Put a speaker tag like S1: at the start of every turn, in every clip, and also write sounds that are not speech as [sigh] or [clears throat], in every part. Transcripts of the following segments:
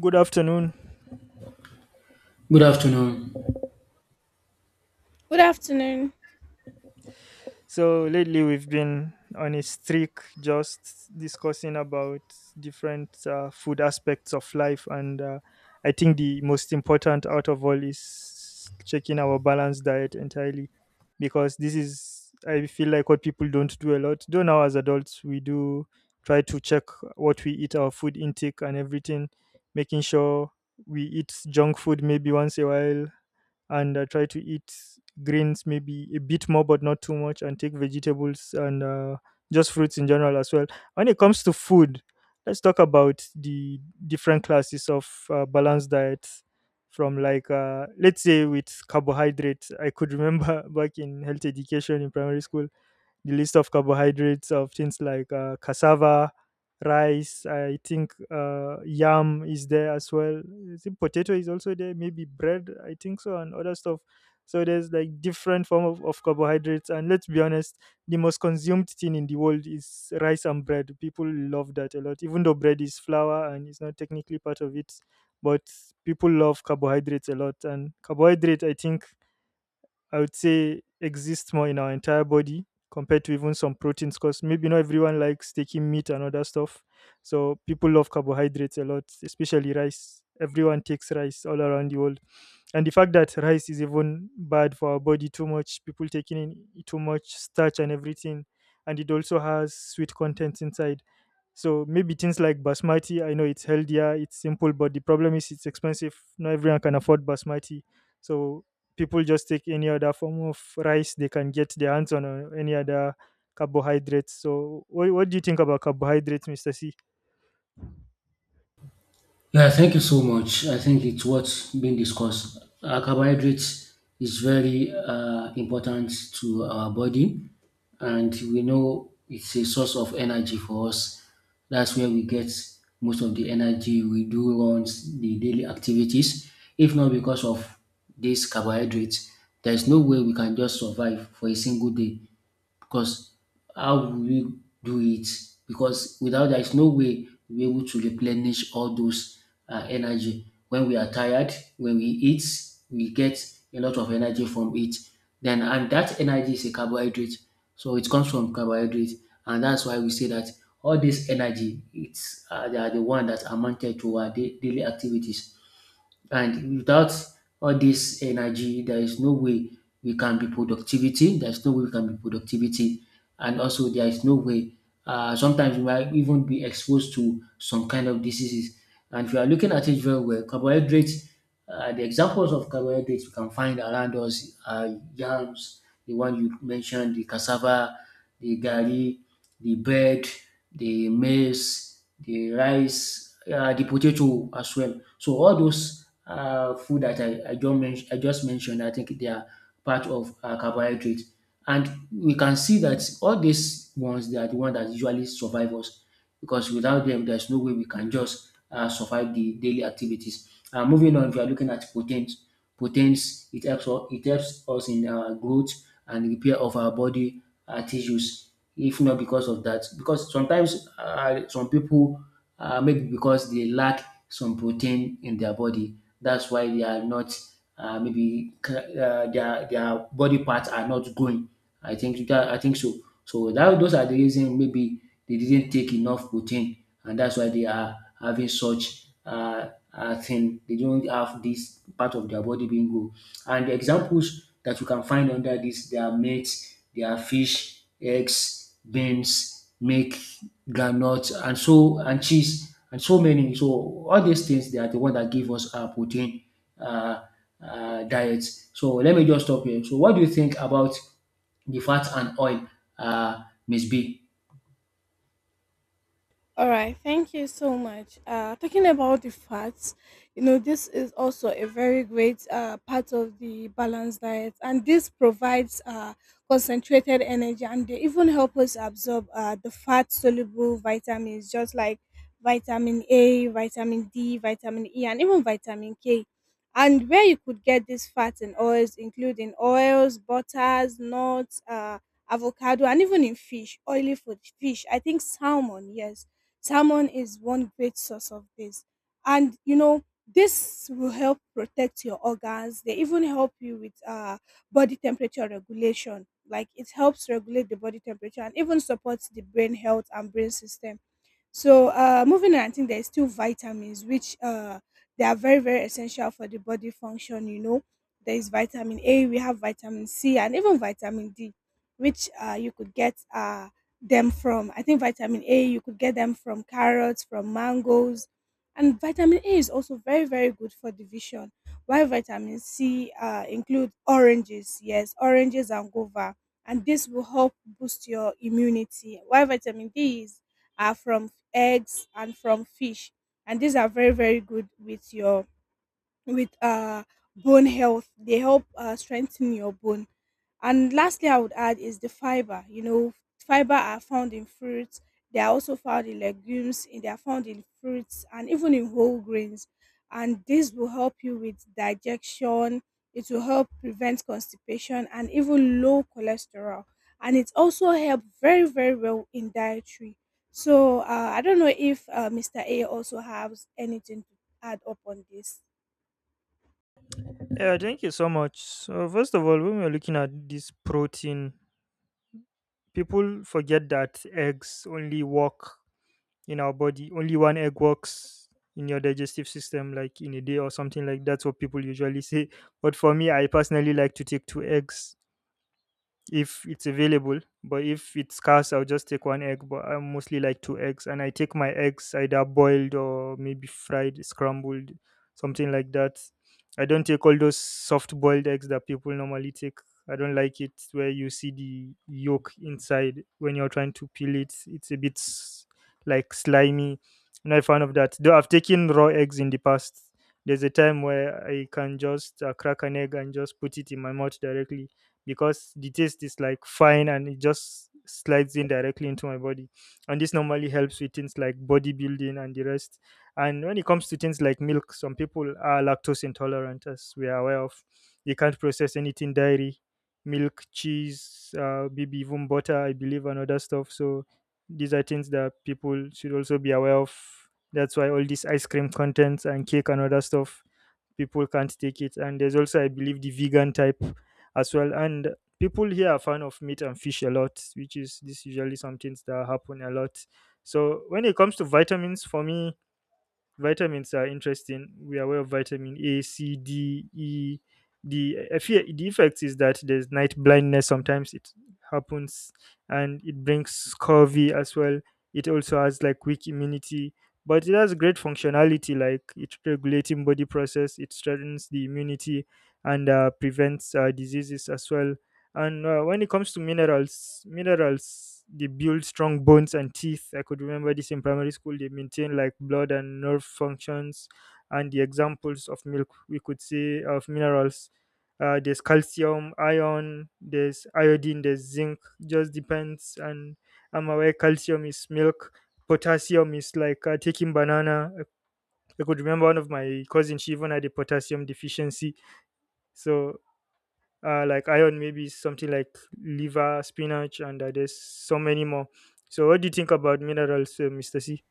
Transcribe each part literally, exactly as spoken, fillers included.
S1: Good afternoon.
S2: Good afternoon.
S3: Good afternoon.
S1: So lately we've been on a streak just discussing about different uh, food aspects of life, and uh, I think the most important out of all is checking our balanced diet entirely, because this is, I feel like, what people don't do a lot. Though now as adults we do try to check what we eat, our food intake, and everything, making sure we eat junk food maybe once a while and uh, try to eat greens maybe a bit more but not too much and take vegetables and uh, just fruits in general as well. When it comes to food, let's talk about the different classes of uh, balanced diets. From like uh, let's say, with carbohydrates, I could remember [laughs] back in health education in primary school the list of carbohydrates of things like uh, cassava, rice. I think uh, yam is there as well. I think potato is also there. Maybe bread, I think so, and other stuff. So there's like different form of, of carbohydrates. And let's be honest, the most consumed thing in the world is rice and bread. People love that a lot, even though bread is flour and it's not technically part of it. But people love carbohydrates a lot, and carbohydrate, I think, I would say exists more in our entire body compared to even some proteins, because maybe not everyone likes taking meat and other stuff. So people love carbohydrates a lot, especially rice. Everyone takes rice all around the world. And the fact that rice is even bad for our body too much, people taking in too much starch and everything. And it also has sweet contents inside. So maybe things like basmati, I know it's healthier, it's simple, but the problem is it's expensive. Not everyone can afford basmati. So people just take any other form of rice they can get their hands on, or any other carbohydrates. So what, what do you think about carbohydrates, Mr. C?
S2: Yeah, thank you so much. I think it's what's being discussed. Uh, carbohydrates is very uh, important to our body, and we know it's a source of energy for us. That's where we get most of the energy we do runs the daily activities. If not because of these carbohydrates, there's no way we can just survive for a single day because how will we do it? Because without there is no way we'll be able to replenish all those uh, energy. When we are tired, when we eat, we get a lot of energy from it. Then and that energy is a carbohydrate, so it comes from carbohydrate, and that's why we say that all this energy, it's uh, they are the one that amounted to our da- daily activities. And without all this energy, there is no way we can be productivity. There is no way we can be productivity, and also there is no way. Uh, sometimes we might even be exposed to some kind of diseases. And if you are looking at it very well, carbohydrates. Uh, the examples of carbohydrates we can find around us are yams, the one you mentioned, the cassava, the gari, the bread, the maize, the rice, uh, the potato as well. So all those uh, food that I, I, just men- I just mentioned, I think they are part of uh, carbohydrate. And we can see that all these ones, they are the ones that usually survive us because without them, there's no way we can just uh, survive the daily activities. Uh, moving on, we are looking at protein proteins. It helps us, it helps us in our growth and repair of our body uh, tissues. If not because of that, because sometimes uh, some people uh, maybe because they lack some protein in their body, that's why they are not uh, maybe uh, their their body parts are not growing. I think that I think so. So that those are the reason maybe they didn't take enough protein, and that's why they are having such uh, uh thing. They don't have this part of their body being good. And the examples that you can find under this, they are meats, they are fish, eggs, beans, milk, granuts, and so and cheese, and so many. So all these things, they are the one that give us our protein. Uh, uh, diet. So let me just stop here. So what do you think about the fat and oil uh, must be.
S3: All right, thank you so much. Uh, talking about the fats, you know, this is also a very great uh, part of the balanced diet, and this provides uh, concentrated energy, and they even help us absorb uh, the fat soluble vitamins, just like vitamin A, vitamin D, vitamin E, and even vitamin K. And where you could get this fat in oils, including oils, butters, nuts, uh, avocado, and even in fish, oily food, fish, I think salmon, yes. Salmon is one great source of this. And you know, this will help protect your organs. They even help you with uh, body temperature regulation. Like, it helps regulate the body temperature and even supports the brain health and brain system. So uh, moving on, I think there's still vitamins, which uh, they are very, very essential for the body function. You know, there is vitamin A, we have vitamin C, and even vitamin D, which uh, you could get uh, them from. I think vitamin A, you could get them from carrots, from mangoes. And vitamin A is also very, very good for the vision. While vitamin C uh, include oranges, yes, oranges and guava, and this will help boost your immunity. While vitamin D is are from eggs and from fish, and these are very, very good with your with uh, bone health. They help uh, strengthen your bone. And lastly, I would add is the fiber. You know, fiber are found in fruits. They are also found in legumes, and they are found in fruits and even in whole grains. And this will help you with digestion. It will help prevent constipation and even low cholesterol. And it also helps very, very well in dietary. So uh, I don't know if uh, mister A also has anything to add up on this.
S1: Yeah, thank you so much. So first of all, when we're looking at this protein, people forget that eggs only work in our body. Only one egg works in your digestive system, like in a day or something, like that's what people usually say. But for me, I personally like to take two eggs if it's available, but if it's scarce I'll just take one egg. But I mostly like two eggs, and I take my eggs either boiled or maybe fried, scrambled, something like that. I don't take all those soft boiled eggs that people normally take. I don't like it where you see the yolk inside when you're trying to peel it. It's a bit s- like slimy. I'm not a fan of that, though I've taken raw eggs in the past. There's a time where I can just uh, crack an egg and just put it in my mouth directly, because the taste is like fine and it just slides in directly into my body. And this normally helps with things like bodybuilding and the rest. And when it comes to things like milk, some people are lactose intolerant, as we are aware of. They can't process anything dairy, milk, cheese, uh, maybe even butter, I believe, and other stuff. So these are things that people should also be aware of. That's why all these ice cream contents and cake and other stuff, people can't take it. And there's also, I believe, the vegan type as well. And people here are fan of meat and fish a lot, which is this usually some things that happen a lot. So when it comes to vitamins, for me, vitamins are interesting. We are aware of vitamin A, C, D, E. The effe- the effect is that there's night blindness. Sometimes it happens, and it brings scurvy as well. It also has like weak immunity, but it has great functionality. Like, it's regulating body process. It strengthens the immunity and uh, prevents uh, diseases as well. And uh, when it comes to minerals, minerals, they build strong bones and teeth. I could remember this in primary school. They maintain like blood and nerve functions. And the examples of milk we could say of minerals, uh, there's calcium, iron, there's iodine, there's zinc. Just depends. And I'm aware calcium is milk. Potassium is like uh, taking banana. I I could remember one of my cousins. She even had a potassium deficiency. So uh, like iron, maybe something like liver, spinach, and uh, there's so many more. So, what do you think about minerals, uh, mister C?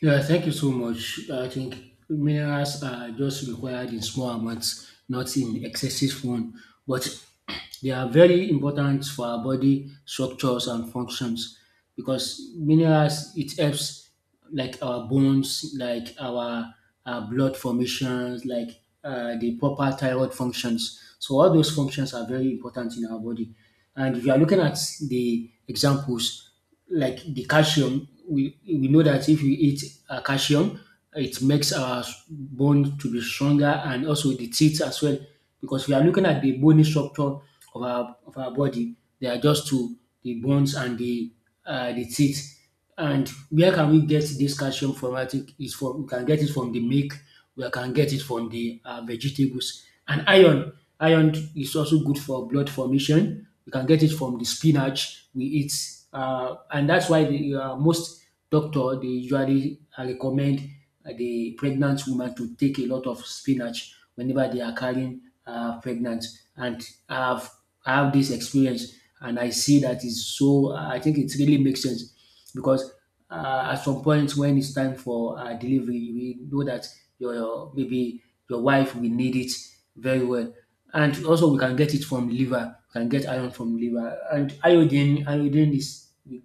S2: Yeah, thank you so much. I think minerals are just required in small amounts, not in excessive one. But [clears throat] they are very important for our body structures and functions because minerals it helps like our bones, like our, our blood formations, like uh, the proper thyroid functions. So all those functions are very important in our body. And if you are looking at the examples, like the calcium. We we know that if we eat uh, calcium, it makes our s- bone to be stronger and also the teeth as well. Because we are looking at the bony structure of our of our body, they are just two: the bones and the uh, the teeth. And where can we get this calcium from? I think it's from we can get it from the milk, we can get it from the uh, vegetables. And iron, iron is also good for blood formation. We can get it from the spinach we eat, uh, and that's why the uh, most doctor they usually uh, recommend uh, the pregnant woman to take a lot of spinach whenever they are carrying uh, pregnant. And I've I have this experience, and I see that is so. I think it really makes sense because uh, at some point when it's time for uh, delivery, we know that your, your maybe your wife will need it very well. And also we can get it from liver, we can get iron from liver. And iodine, iodine is it,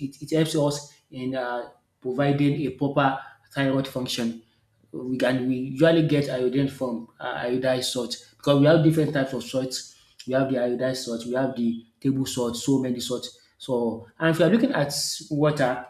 S2: it, it helps us in uh, providing a proper thyroid function. We can we usually get iodine from uh, iodized salt because we have different types of salts. We have the iodized salt, we have the table salt, so many salt. So, and if you're looking at water,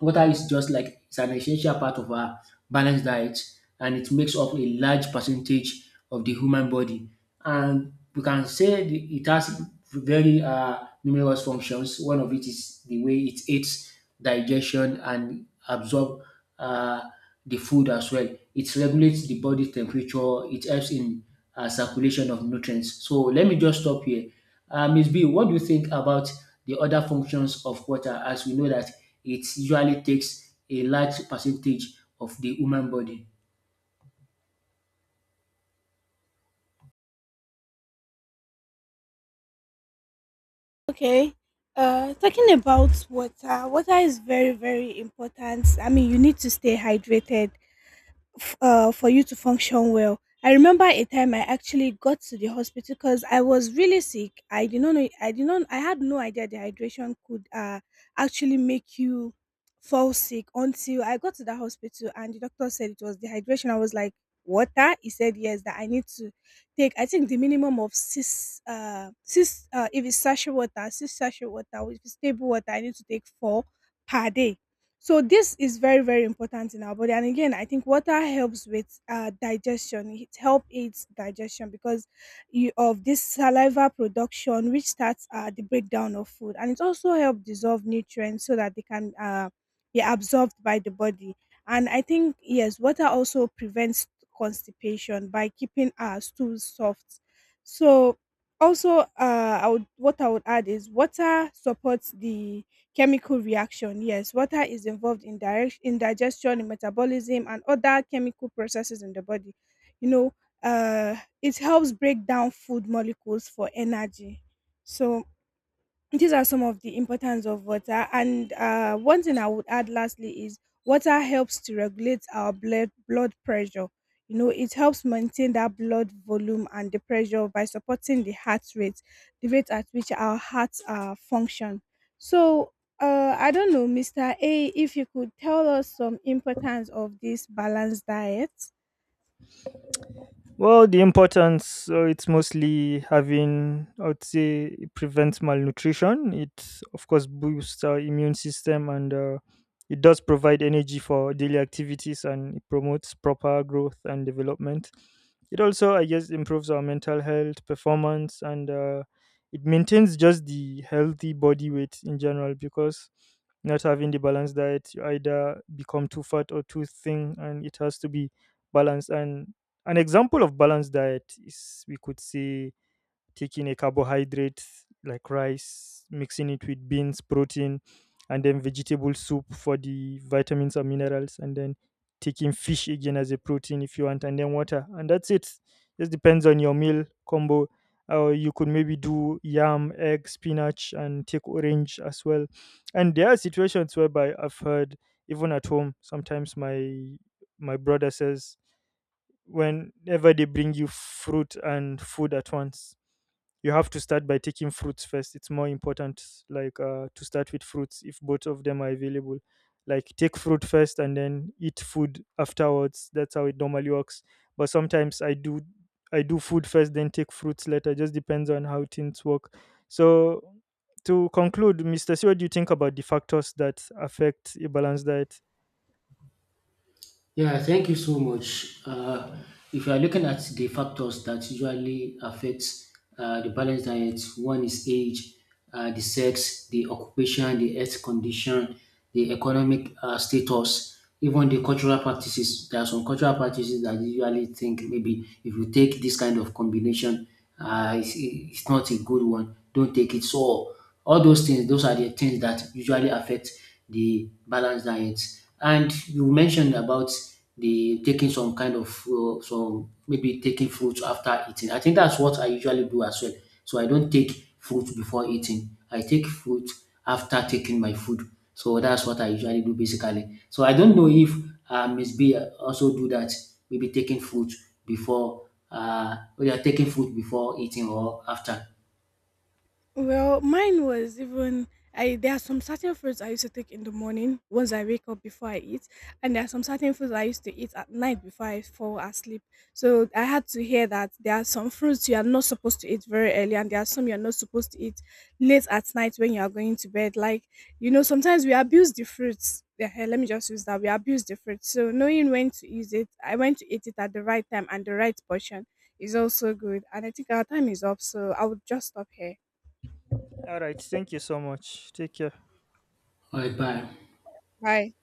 S2: water is just like it's an essential part of our balanced diet, and it makes up a large percentage of the human body, and we can say the- it has very uh, numerous functions. One of it is the way it aids digestion and absorb uh, the food as well. It regulates the body temperature. It helps in uh, circulation of nutrients. So let me just stop here. uh, miz B, what do you think about the other functions of water, as we know that it usually takes a large percentage of the human body?
S3: Okay. Uh, talking about water, water is very, very important. I mean, you need to stay hydrated f- uh, for you to function well. I remember a time I actually got to the hospital because I was really sick. I did not know. I did not. I had no idea dehydration could uh, actually make you fall sick until I got to the hospital and the doctor said it was dehydration. I was like, water. He said yes, that I need to take. I think the minimum of six. Uh, six. Uh, if it's sachet water, six sachet water. If it's stable water, I need to take four per day. So this is very, very important in our body. And again, I think water helps with uh, digestion. It help aids digestion because you, of this saliva production, which starts uh, the breakdown of food, and it also helps dissolve nutrients so that they can uh, be absorbed by the body. And I think yes, water also prevents constipation by keeping our stools soft. So also, uh, I would, what I would add is water supports the chemical reaction. Yes, water is involved in direct in digestion, in metabolism, and other chemical processes in the body. You know, uh, it helps break down food molecules for energy. So these are some of the importance of water, and uh, one thing I would add lastly is water helps to regulate our blood blood pressure. You know, it helps maintain that blood volume and the pressure by supporting the heart rate, the rate at which our hearts uh, function. So uh, I don't know, Mr. A, if you could tell us some importance of this balanced diet.
S1: Well, the importance, so it's mostly having, I would say, it prevents malnutrition. It, of course, boosts our immune system, and uh, it does provide energy for daily activities, and it promotes proper growth and development. It also, I guess, improves our mental health, performance, and uh, it maintains just the healthy body weight in general, because not having the balanced diet, you either become too fat or too thin, and it has to be balanced. And an example of balanced diet is, we could say, taking a carbohydrate like rice, mixing it with beans, protein, and then vegetable soup for the vitamins and minerals, and then taking fish again as a protein if you want, and then water. And that's it. Just depends on your meal combo. Or you could maybe do yam, egg, spinach, and take orange as well. And there are situations whereby I've heard, even at home, sometimes my my brother says whenever they bring you fruit and food at once, you have to start by taking fruits first. It's more important, like uh, to start with fruits, if both of them are available. Like, take fruit first and then eat food afterwards. That's how it normally works. But sometimes i do I do food first then take fruits later. Just depends on how things work. So, to conclude, Mr. C, what do you think about the factors that affect a balanced diet?
S2: Yeah, thank you so much. Uh, if you are looking at the factors that usually affect uh, the balanced diet, one is age, uh, the sex, the occupation, the health condition, the economic uh, status, even the cultural practices. There are some cultural practices that you usually think maybe if you take this kind of combination, uh, it's, it's not a good one. Don't take it. So all those things, those are the things that usually affect the balanced diet. And you mentioned about the taking some kind of uh, some maybe taking fruits after eating. I think that's what I usually do as well. So I don't take fruit before eating. I take fruit after taking my food. So that's what I usually do basically. So I don't know if uh, Miss B also do that. Maybe taking fruit before uh, we are taking fruit before eating or after.
S3: Well, mine was even, I, there are some certain foods I used to take in the morning once I wake up before I eat, and there are some certain foods I used to eat at night before I fall asleep. So I had to hear that there are some fruits you are not supposed to eat very early, and there are some you're not supposed to eat late at night when you are going to bed. Like, you know, sometimes we abuse the fruits. Ehen, let me just use that. We abuse the fruits. So knowing when to use it, I went to eat it at the right time and the right portion is also good. And I think our time is up, so I would just stop here.
S1: All right, thank you so much, take care.
S2: All right, bye.
S3: Hi.